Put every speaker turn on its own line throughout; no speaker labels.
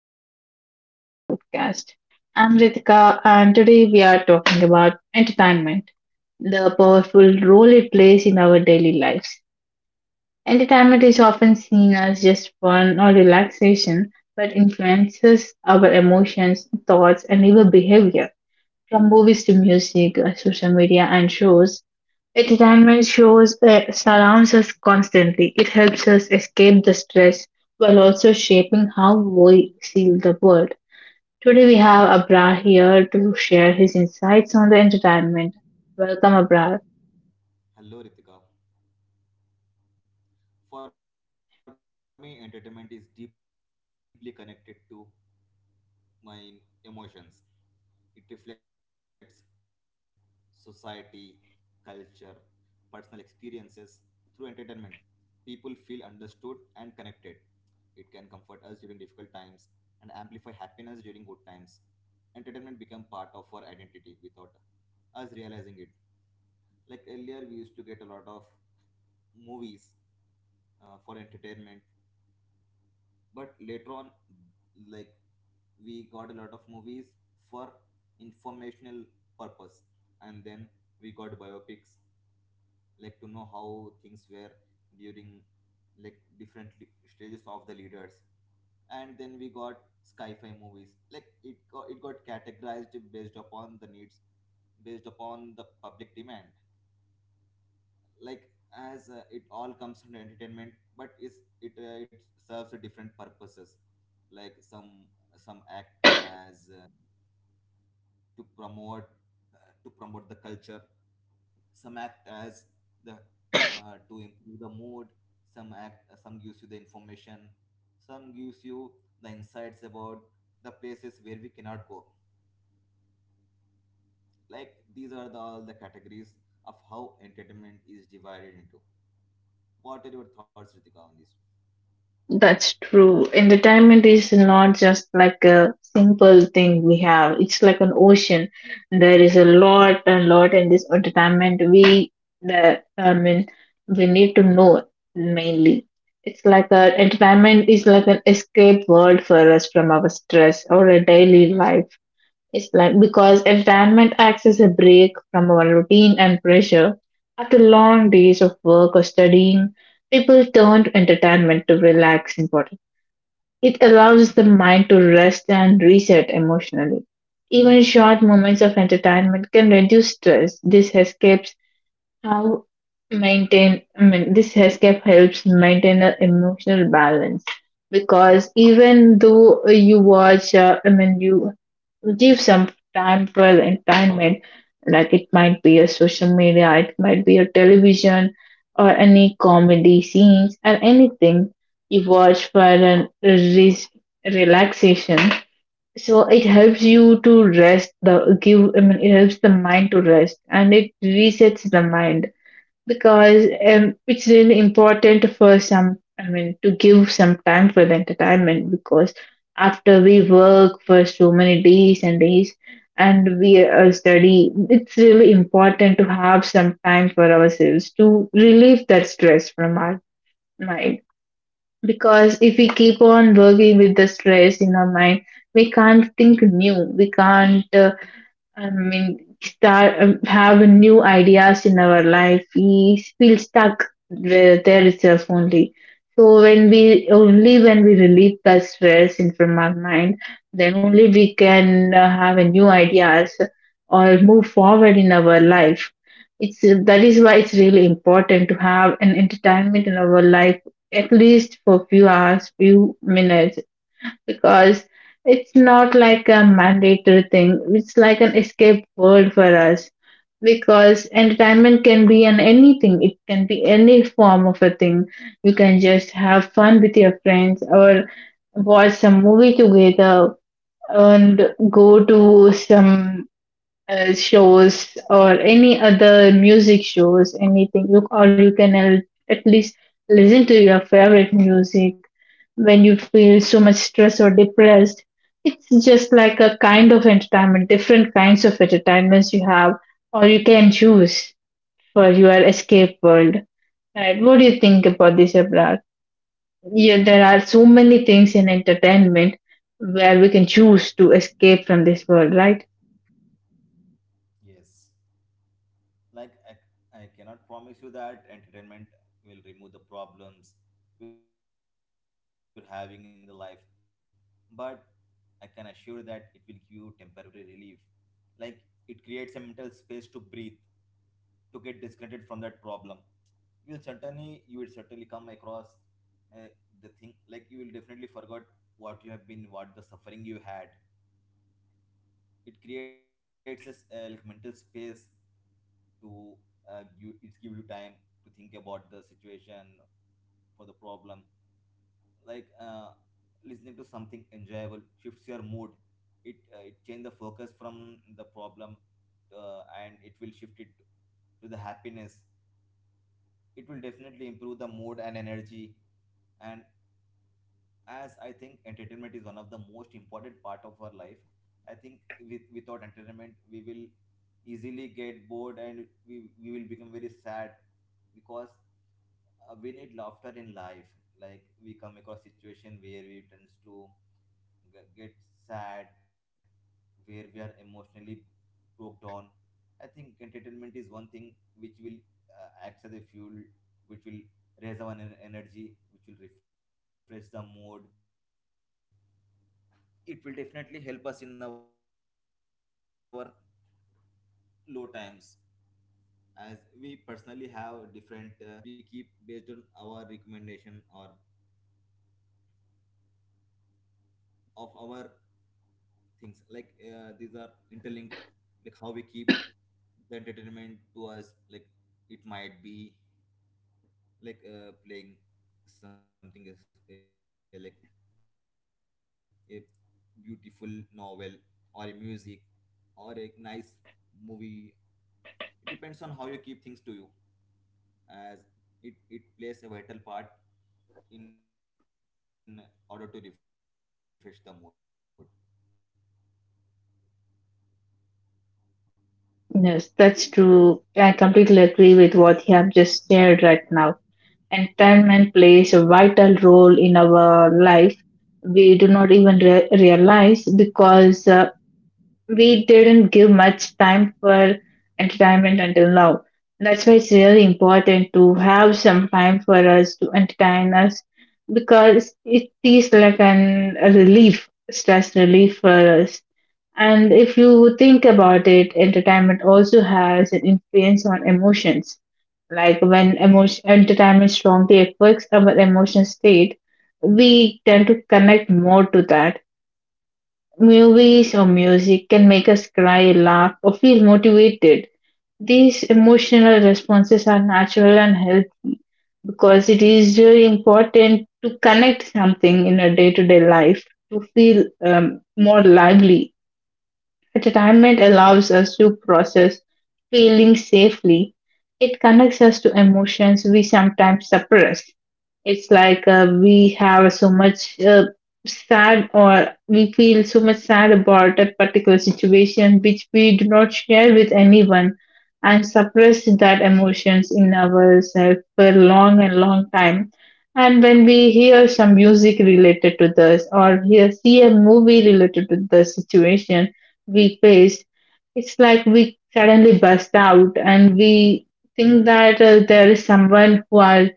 Welcome back to our podcast. I'm Ritika, and today we are talking about entertainment, the powerful role it plays in our daily lives. Entertainment is often seen as just fun or relaxation, but influences our emotions, thoughts, and even behavior. From movies to music, social media, and shows, entertainment shows surrounds us constantly. It helps us escape the stress while also shaping how we see the world. Today we have Abrar here to share his insights on the entertainment. Welcome, Abrar.
Hello, Ritika. For me, entertainment is deeply connected to my emotions. It reflects society, culture, personal experiences. Through entertainment, people feel understood and connected. It can comfort us during difficult times and amplify happiness during good times. Entertainment become part of our identity without us realizing it. Like earlier, we used to get a lot of movies for entertainment, but later on, like we got a lot of movies for informational purpose, and then we got biopics, like to know how things were during, different stages of the leaders. And then we got sci-fi movies. It got categorized based upon the needs, based upon the public demand. Like as It all comes from entertainment, but is it it serves different purposes. Like some act as to promote, to promote the culture. Some act as the to improve the mood. Some act, some gives you the information, some gives you the insights about the places where we cannot go. Like these are all the categories of how entertainment is divided into. What are your thoughts, Ritika, on this?
That's true. Entertainment is not just like a simple thing we have. It's like an ocean. There is a lot and lot in this entertainment we the I mean we need to know mainly. It's like a entertainment is like an escape world for us from our stress or a daily life. It's like because entertainment acts as a break from our routine and pressure. After long days of work or studying, people turn to entertainment to relax and body. It allows the mind to rest and reset emotionally. Even short moments of entertainment can reduce stress. How this escape helps maintain an emotional balance because even though you watch I mean you give some time for entertainment, like it might be a social media, it might be a television or any comedy scenes or anything you watch for a relaxation. So it helps you to rest the give I mean it helps the mind to rest and it resets the mind, because it's really important for some I mean to give some time for the entertainment. Because after we work for so many days and days, and we study, it's really important to have some time for ourselves to relieve that stress from our mind, because if we keep on working with the stress in our mind, we can't think new, we can't start have new ideas in our life. We feel stuck where there itself only. So when we relieve that stress in from our mind, then only we can have a new ideas or move forward in our life. It's That is why it's really important to have an entertainment in our life, at least for few hours, few minutes, because it's not like a mandatory thing. It's like an escape world for us, because entertainment can be an anything. It can be any form of a thing. You can just have fun with your friends, or watch some movie together and go to some shows or any other music shows, anything, you, or you can al- at least listen to your favorite music when you feel so much stress or depressed. It's just like a kind of entertainment, different kinds of entertainments you have, or you can choose for your escape world. Right? What do you think about this, Abrar? Yeah, there are so many things in entertainment where we can choose to escape from this world, right?
Yes, like I cannot promise you that entertainment will remove the problems you're having in the life, but I can assure that it will give you temporary relief. Like it creates a mental space to breathe, to get disconnected from that problem. You will certainly come across, uh, the thing, like you will definitely forget what the suffering you had. It creates a like mental space to, you it gives you time to think about the situation, for the problem. like uh, Listening to something enjoyable shifts your mood. It it change the focus from the problem, and it will shift it to the happiness. It will definitely improve the mood and energy. And as I think, entertainment is one of the most important part of our life. I think without entertainment we will easily get bored, and we will become very sad, because we need laughter in life. Like we come across situation where we tends to get sad, where we are emotionally broke down. I think entertainment is one thing which will act as a fuel, which will raise our energy, which will refresh the mood. It will definitely help us in our low times. As we personally have different interest approach of entertainments, which we keep, which we keep based on our recommendation or of our things. These are interlinked, like how we keep the entertainment to us. Like it might be, playing something is like a beautiful novel, or a music, or a nice movie. It depends on how you keep things to you. As it it plays a vital part in order to refresh the mood.
Yes, that's true. I completely agree with what you have just shared right now. Entertainment plays a vital role in our life. We do not even realize, because we didn't give much time for entertainment until now. That's why it's really important to have some time for us to entertain us, because it is like an, a relief, stress relief for us. And if you think about it, entertainment also has an influence on emotions. Like when emotion, entertainment strongly affects our emotion state, we tend to connect more to that. Movies or music can make us cry, laugh, or feel motivated. These emotional responses are natural and healthy, because it is really important to connect something in a day to day life to feel more lively. Retirement allows us to process feelings safely. It connects us to emotions we sometimes suppress. It's like we have so much sad, or we feel so much sad about a particular situation which we do not share with anyone and suppress that emotions in ourselves for long and long time. And when we hear some music related to this, or hear, see a movie related to the situation we faced, it's like we suddenly burst out and we think that there is someone who are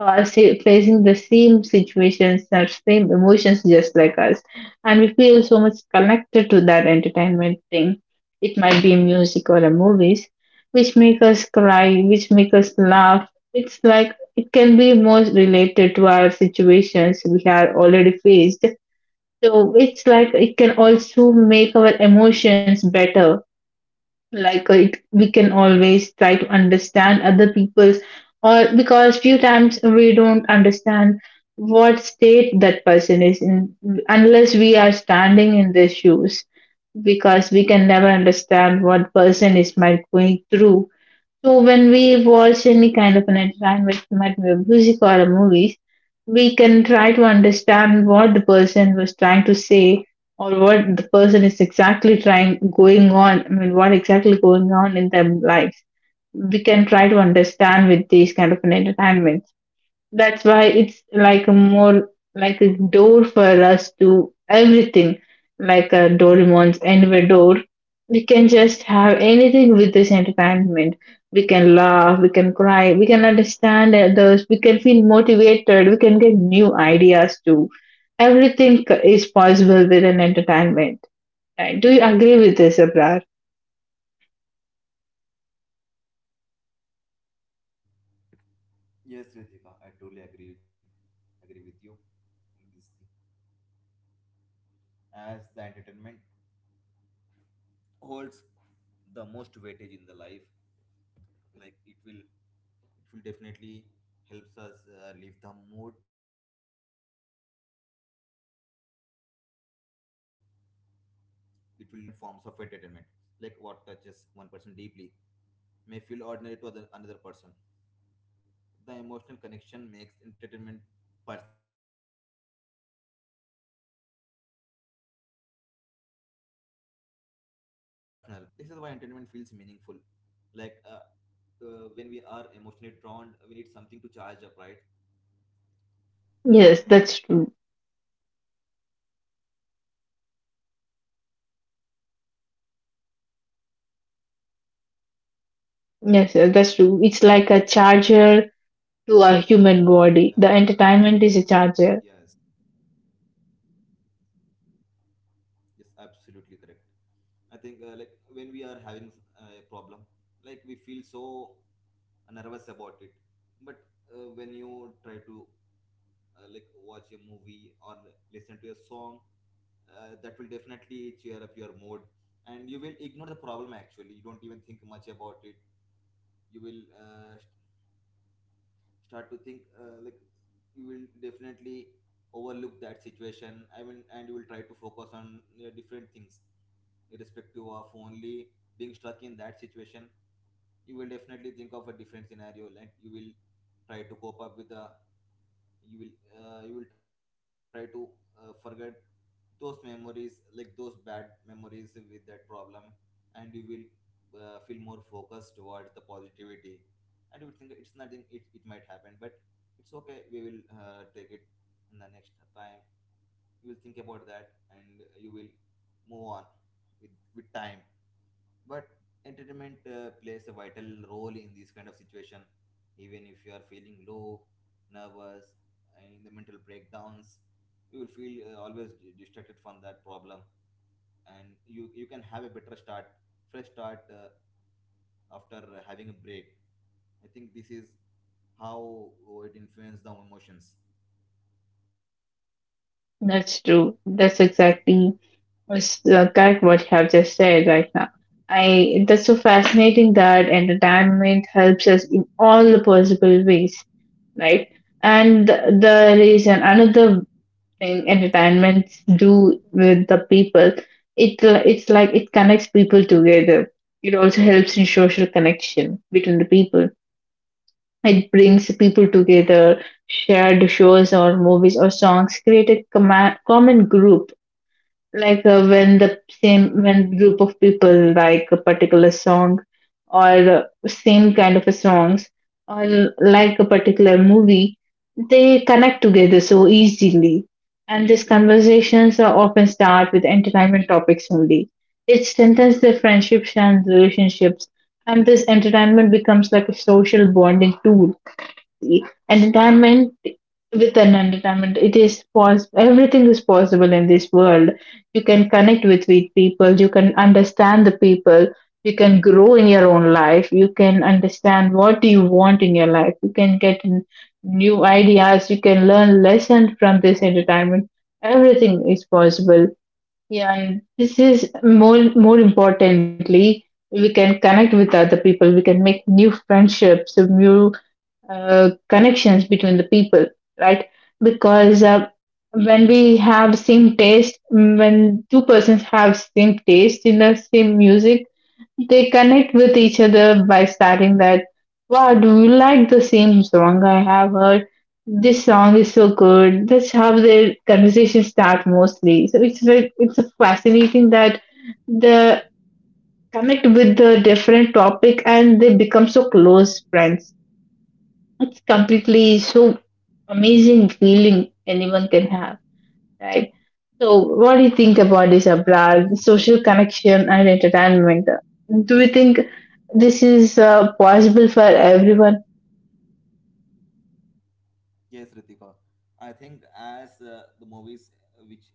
are say, facing the same situations, the same emotions, just like us, and we feel so much connected to that entertainment thing. It might be music or a movies, which make us cry, which make us laugh. It's like it can be more related to our situations we have already faced. So it's like it can also make our emotions better. Like we can always try to understand other people's, or because few times we don't understand what state that person is in unless we are standing in their shoes, because we can never understand what person is might going through. So when we watch any kind of an entertainment, might be a music or a movies, we can try to understand what the person was trying to say, or what the person is exactly trying going on. I mean, what exactly going on in their lives. We can try to understand with these kind of an entertainment. That's why it's like a more like a door for us to everything, like a Doraemon's anywhere door. We can just have anything with this entertainment. We can laugh, we can cry, we can understand others, we can feel motivated, we can get new ideas too. Everything is possible with an entertainment. Right? Do you agree with this, Abrar?
Yes, Ritika, I totally agree with you in this thing. As the entertainment holds the most weightage in the life, like it will, it will definitely helps us live the mood. It will influence the emotions. Like different people connect with different forms of entertainment. Like what touches one person deeply may feel ordinary to another person. The emotional connection makes entertainment personal. It reflects individual experiences and the values. This is why entertainment feels meaningful. like uh, when we are emotionally drawn, we need something to charge up, right?
Yes,
Like
that's true.
we generally seek for uh, the clarity to the problems.
Yes, that's true.
Like
It's
when we
like
are
a
disconnected from the
charger
problem,
to a human body. The
yes,
entertainment is a charger.
yes, absolutely correct. I think, like when we are having a problem, like we feel so nervous about it. But when you try to, like watch a movie or listen to a song, that will definitely cheer up your mood, and you will ignore the problem. Actually, you don't even think much about it. You will start to think, you will definitely overlook that situation, I mean, and you will try to focus on different things, irrespective of only being stuck in that situation. You will definitely think of a different scenario, and you will try to cope up with the, you will you will try to forget those memories, like those bad memories with that problem. And you will feel more focused towards the positivity. And you will think it's nothing, it might happen, but it's okay, we will take it in the next time. You will think about that and you will move on with time. But entertainment plays a vital role in this kind of situation. Even if you are feeling low, nervous, and in the mental breakdowns, you will feel always distracted from that problem, and you can have a better start, fresh start, after having a break. I think this is how it influences the emotions.
That's true. That's exactly was Correct what you have just said right now. I that's so fascinating that entertainment helps us in all the possible ways, right? And the reason another thing entertainment do with the people, it it's like it connects people together. It also helps in social connection between the people. It brings people together, shared shows or movies or songs create a common group. Like when the same when group of people like a particular song, or same kind of a songs, or like a particular movie, they connect together so easily, and these conversations are often start with entertainment topics only. It strengthens their friendships and relationships, and this entertainment becomes like a social bonding tool. Entertainment with an entertainment it is possible, everything is possible in this world. You can connect with people, you can understand the people, you can grow in your own life, you can understand what you want in your life, you can get new ideas, you can learn lessons from this entertainment. Everything is possible. Yeah, and this is more more importantly, we can connect with other people, we can make new friendships, new connections between the people, right? Because when we have same taste, mm, when two persons have same taste in the same music, they connect with each other by starting that, wow, do you like the same song I have heard? This song is so good. That's how their conversations start mostly. So it's like it's fascinating that the connect with the different topic and they become so close friends. It's completely so amazing feeling anyone can have, right? So, what do you think about this,
So
Abra? The social connection and entertainment. Do you think this is possible for everyone?
yes, Ritika, I think as the movies, which,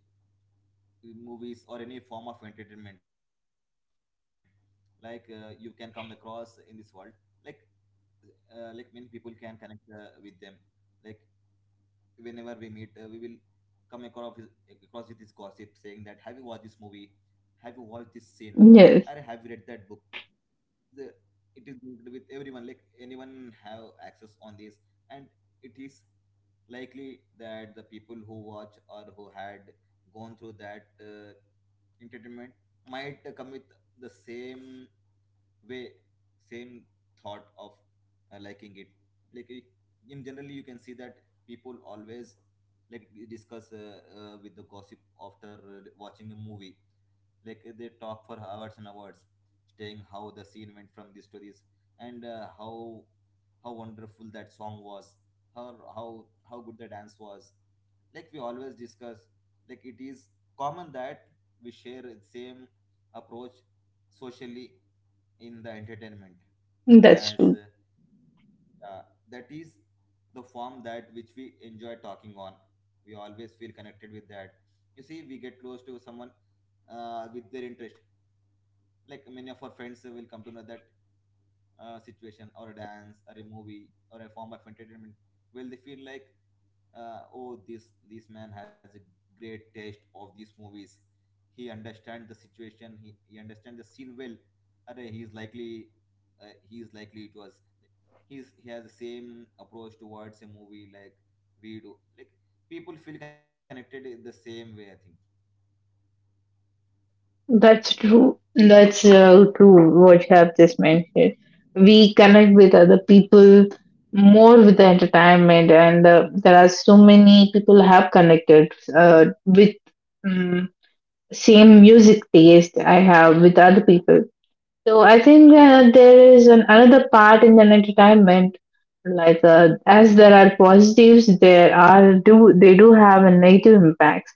movies or any form of entertainment, you can come across in this world. like like many people can connect with them. Like whenever we meet, we will come across with, across with this gossip, saying that, have you watched this movie, have you watched this scene, or have you
Yes,
read that book? the, it is linked with everyone, like anyone have access on this. And it is likely that the people who watch or who had gone through that entertainment might commit the same way, same thought of liking it. like you- in generally you can see that people always, discuss, with the gossip after watching a movie. They talk for hours and hours, saying how the scene went from these stories, and how wonderful that song was, how how how good the dance was. Like we always discuss, like it is common that we share the same approach socially in the entertainment.
that's
As
true.
Yeah, that is the form that which we enjoy talking on. We always feel connected with that. You see, we get close to someone with their interest. Like many of our friends will come to know that situation, or a dance, or a movie, or a form of entertainment, where they feel like, oh, this man has a great taste of these movies. He understands the situation, he understands the scene well. Array, he is likely, uh, he is likely it was he's, he has the same approach towards a movie like we do. Like people feel connected in the same way, I think.
That's true. That's true. What you have just mentioned. We connect with other people more with the entertainment, and there are so many people have connected uh, with. Mm, same music taste I have with other people. So I think there is an, another part in an entertainment, like as there are positives, there are do they do have a negative impacts.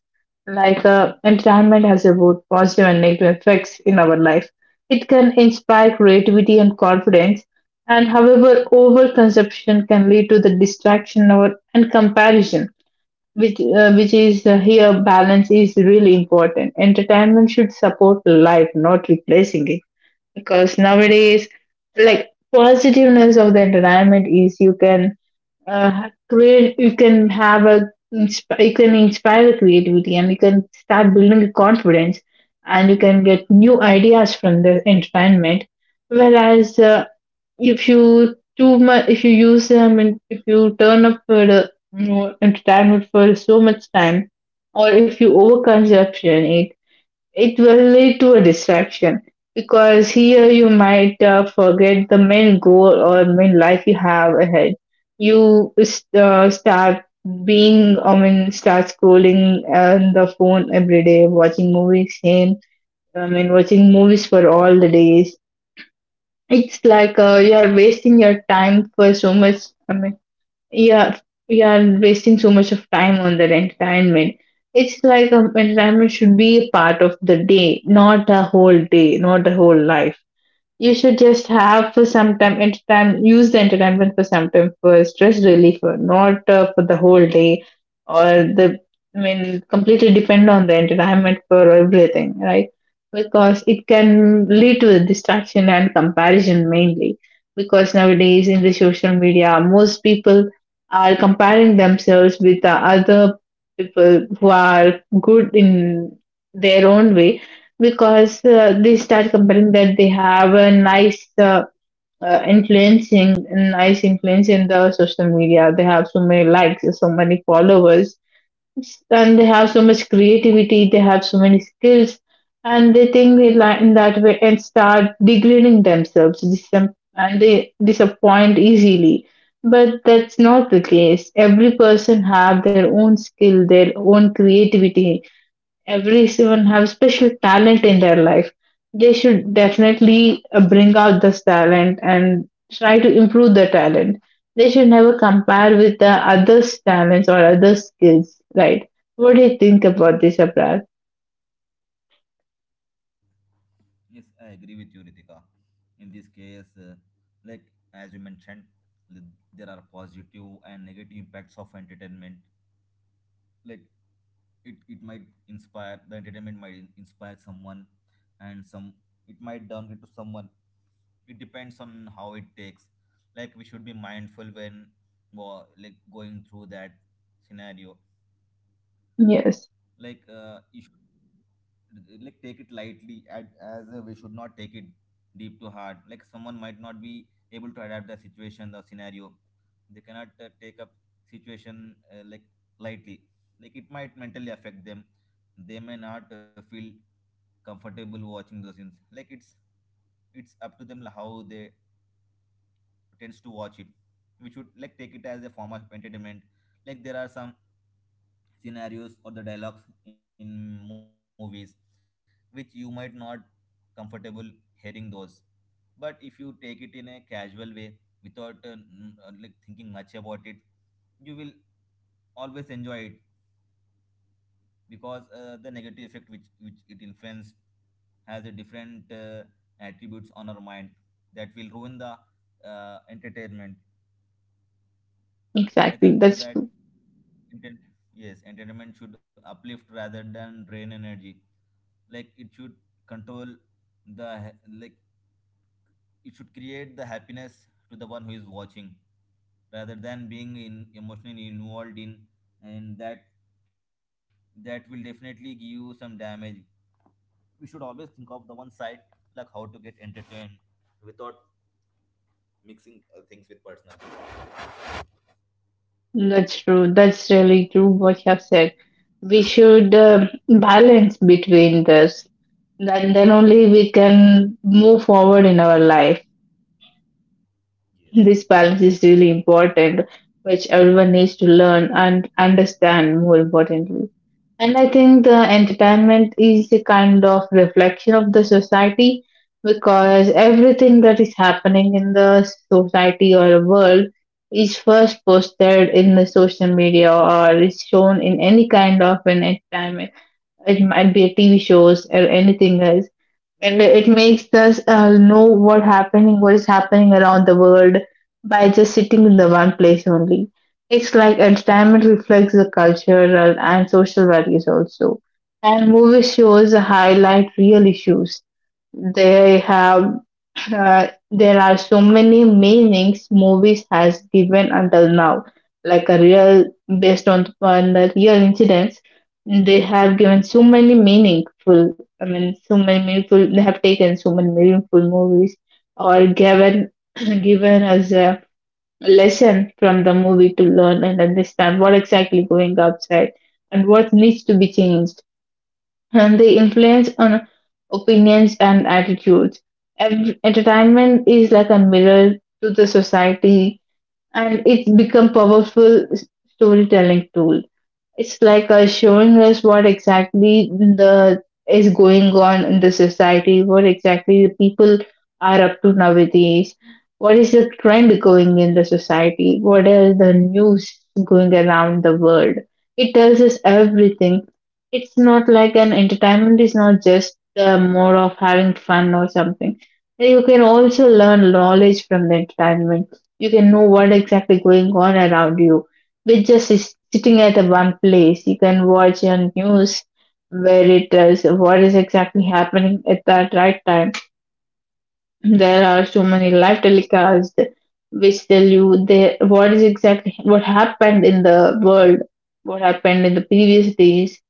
Like entertainment has both positive and negative effects in our life. It can inspire creativity and confidence, and however, overconsumption can lead to the distraction or and comparison which is here balance is really important, entertainment should support life not replacing it because nowadays, like, positiveness of the entertainment is you can create, you can have a you can inspire the creativity and you can start building the confidence and you can get new ideas from the entertainment, whereas if you too much, if you use them and if you turn up for the entertainment for so much time, or if you overconsumption it, it will lead to a distraction because here you might forget the main goal or main life you have ahead. You start being, I mean, start scrolling on the phone every day watching movies same, I mean, watching movies for all the days. It's like you are wasting your time for so much. I mean, yeah, you are wasting so much of time on that entertainment. It's like entertainment should be a part of the day, not a whole day, not a whole life. You should just have for some time, entertain, use the entertainment for some time for stress relief, not for the whole day, or the, I mean, completely depend on the entertainment for everything, right? Because it can lead to distraction and comparison mainly. Because nowadays in the social media, most people are comparing themselves with the other people who are good in their own way, because they start comparing that they have a nice influencing, nice influence in the social media, they have so many likes, so many followers, and they have so much creativity, they have so many skills, and they think they in that way and start degrading themselves, and they disappoint easily. But that's not the case, every person have their own skill, their own creativity, everyone have special talent in their life. They should definitely bring out this talent and try to improve the talent. They should never compare with the others talents or other skills, right? What do you think about this, abroad?
Yes, I agree with you Ritika, in this case. Like as you mentioned, there are positive and negative impacts of entertainment. like it, it might inspire the entertainment might inspire someone, and some, it might downgrade to someone. It depends on how it takes. Like we should be mindful when, like going through that scenario.
Yes,
Like you should, like take it lightly at, as we should not take it deep to heart. Like someone might not be able to adapt the situation, the scenario. They cannot take up situation, like, lightly. Like it might mentally affect them. They may not feel comfortable watching those things. Like it's up to them how they tends to watch it. We should, like take it as a form of entertainment. Like there are some scenarios or the dialogues in movies which you might not comfortable hearing those. But if you take it in a casual way without like thinking much about it, you will always enjoy it. Because the negative effect which it influence has a different attributes on our mind that will ruin the entertainment.
exactly,
I
that's
think
true.
Enten- yes, entertainment should uplift rather than drain energy. Like it should control like, it should create the happiness to the one who is watching, rather than being in emotionally involved in, and that that will definitely give you some damage. We should always think of the one side, like how to get entertained without mixing things with personal.
That's true, that's really true what you have said. We should balance between this, then only we can move forward in our life. This
Yes,
balance is really important, which everyone needs to learn and understand more importantly. And I think the entertainment is a kind of reflection of the society because everything that is happening in the society or the world is first posted in the social media or is shown in any kind of an entertainment. It might be a TV shows or anything else, and it makes us know what happening, what is happening around the world by just sitting in the one place only. It's like entertainment reflects the cultural and social values also, and movies shows highlight real issues. They have there are so many meanings movies has given until now, like a real based on the real incidents. They have given so many meaningful. I mean, so many meaningful. They have taken so many meaningful movies or given given us a lesson from the movie to learn and understand what exactly going outside and what needs to be changed, and they influence on opinions and attitudes. Entertainment is like a mirror to the society, and it's become powerful storytelling tool. It's like showing us what exactly the is going on in the society, what exactly the people are up to nowadays, what is the trend going in the society, what are the news going around the world. It tells us everything. It's not like an entertainment is not just more of having fun or something. You can also learn knowledge from the entertainment. You can know what exactly going on around you with just sitting at the one place, you can watch your news where it tells what is exactly happening at that right time. There are so many live telecasts which tell you the, what is exactly what happened in the world, what happened in the previous days.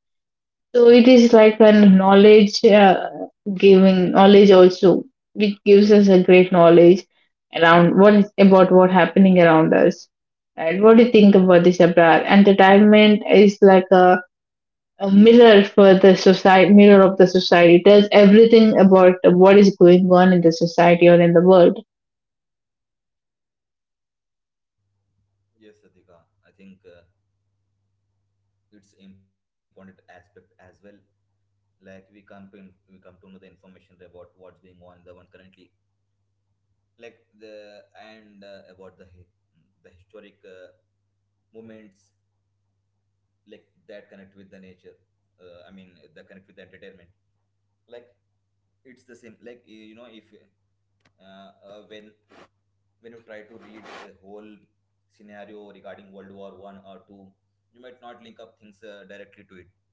So it is like a knowledge giving knowledge also, which gives us a great knowledge around what is about what happening around us. And what do you think about this, Abrar? Entertainment is like a mirror for the society, mirror of the society. It tells everything about what is going on in the society or in the world.
yes, Adhika. I think, it's important aspect as well. Like we we come to know the information about what's going on in the one currently. Like the, and about the the historic moments, like that connect with the nature, the connect with the entertainment. Like it's the same, like you know if, uh, uh, when when you try to read the whole scenario regarding world war 1 or 2, you might not link up things directly to it.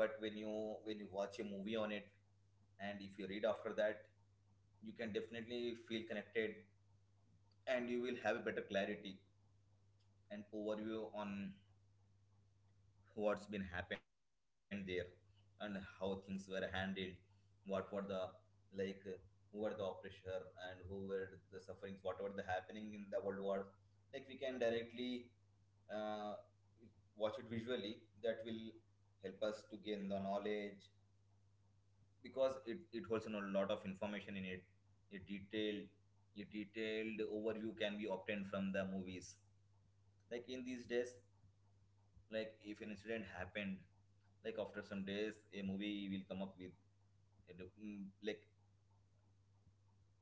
But when you, when you watch a movie on it, and if you read after that, you can definitely feel connected, and you will have a better clarity and overview on what's been happened there, and how things were handled, what were the, like uh, who were the oppressor, and who were the sufferings, what were the happening in the world wars. Like we can directly uh, watch it visually. That will help us to gain the knowledge, because it holds in a lot of information in it. A detailed, a detailed overview can be obtained from the movies. Like in these days, like if an incident happened, like after some days a movie will come up with like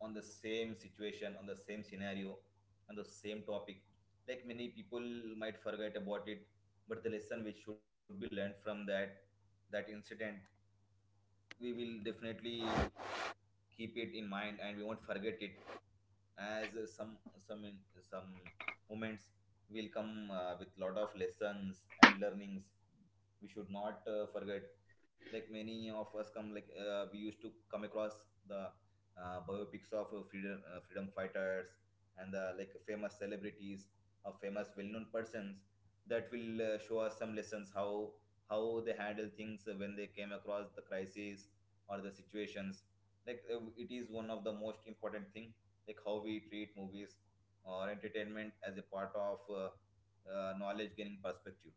on the same situation, on the same scenario, on the same topic. Like many people might forget about it, but the lesson which should be learned from that incident we will definitely keep it in mind, and we won't forget it. As some in, some moments will come with lot of lessons and learnings, we should not forget. Like many of us come, we used to come across the biopics of freedom fighters, and the like famous celebrities, or famous well-known persons. That will show us some lessons, how they handle things when they came across the crises or the situations. Like it is one of the most important thing, like how we treat movies or entertainment as a part of knowledge gaining perspective.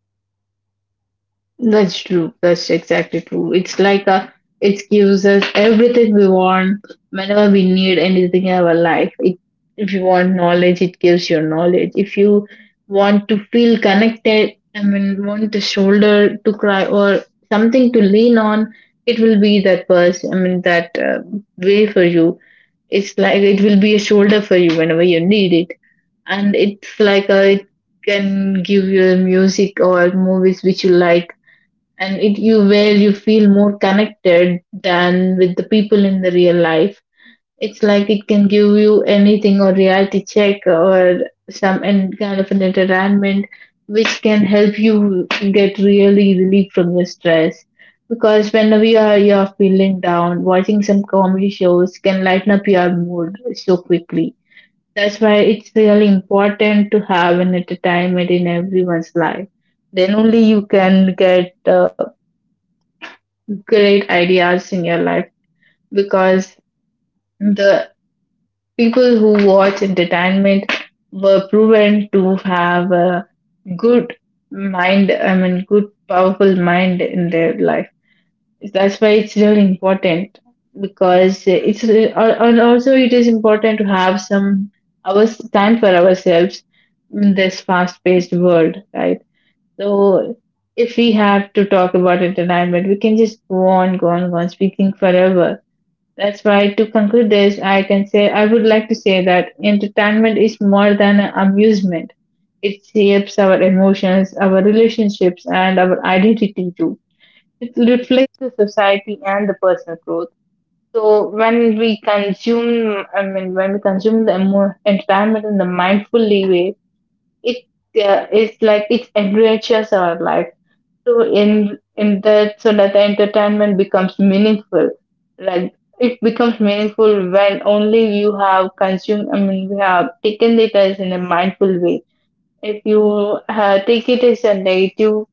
That's true. That's exactly true. It's like a it gives us everything we want whenever we need anything in our life. It, if you want knowledge, it gives you knowledge. If you want to feel connected, I mean, want a shoulder to cry or something to lean on, it will be that person. I mean, that way for you. It's like it will be a shoulder for you whenever you need it, and it's like a it can give you music or movies which you like, and it you where you feel more connected than with the people in the real life. It's like it can give you anything or reality check or some kind of an entertainment which can help you get really relief from your stress, because whenever you are, you are feeling down, watching some comedy shows can lighten up your mood so quickly. That's why it's really important to have an entertainment in everyone's life, then only you can get great ideas in your life, because the people who watch entertainment were proven to have a good mind, I mean, good, powerful mind in their life. That's why it's really important, because it's and also it is important to have some hours time for ourselves in this fast-paced world, right? So if we have to talk about entertainment, we can just go on, go on, go on speaking forever. That's why, to conclude this, I can say I would like to say that entertainment is more than amusement. It shapes our emotions, our relationships, and our identity too. It reflects the society and the personal growth. So when we consume, I mean, when we consume the entertainment in the mindfully way, it is like it enriches our life. So in that so that the entertainment becomes meaningful. Like it becomes meaningful when only you have consumed, I mean, we have taken it as in a mindful way. If you take it as a negative,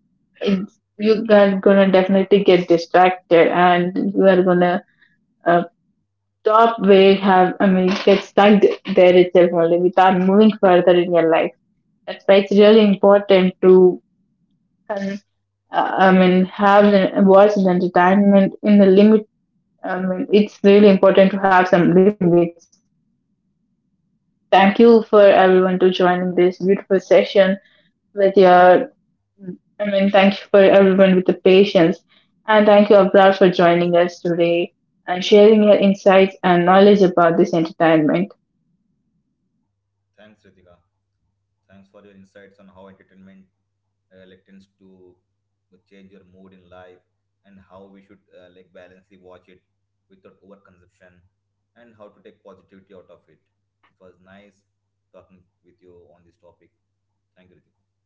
it's, you are gonna definitely get distracted and you are gonna uh, stop where you have, I mean, get stuck there itself only without moving further in your life. That's why it's really important to I mean, have the voice and entertainment in the limit. I mean, it's really important to have some limits. Thank you for everyone to joining this beautiful session with your. I mean, thank you for everyone with the patience, and thank you Abrar for joining us today and sharing your insights and knowledge about this entertainment.
Thanks, Ritika. Thanks for your insights on how entertainment like tends to change your mood in life, and how we should like balancely watch it without overconsumption, and how to take positivity out of it. It was nice talking with you on this topic. Thank you, Ritika.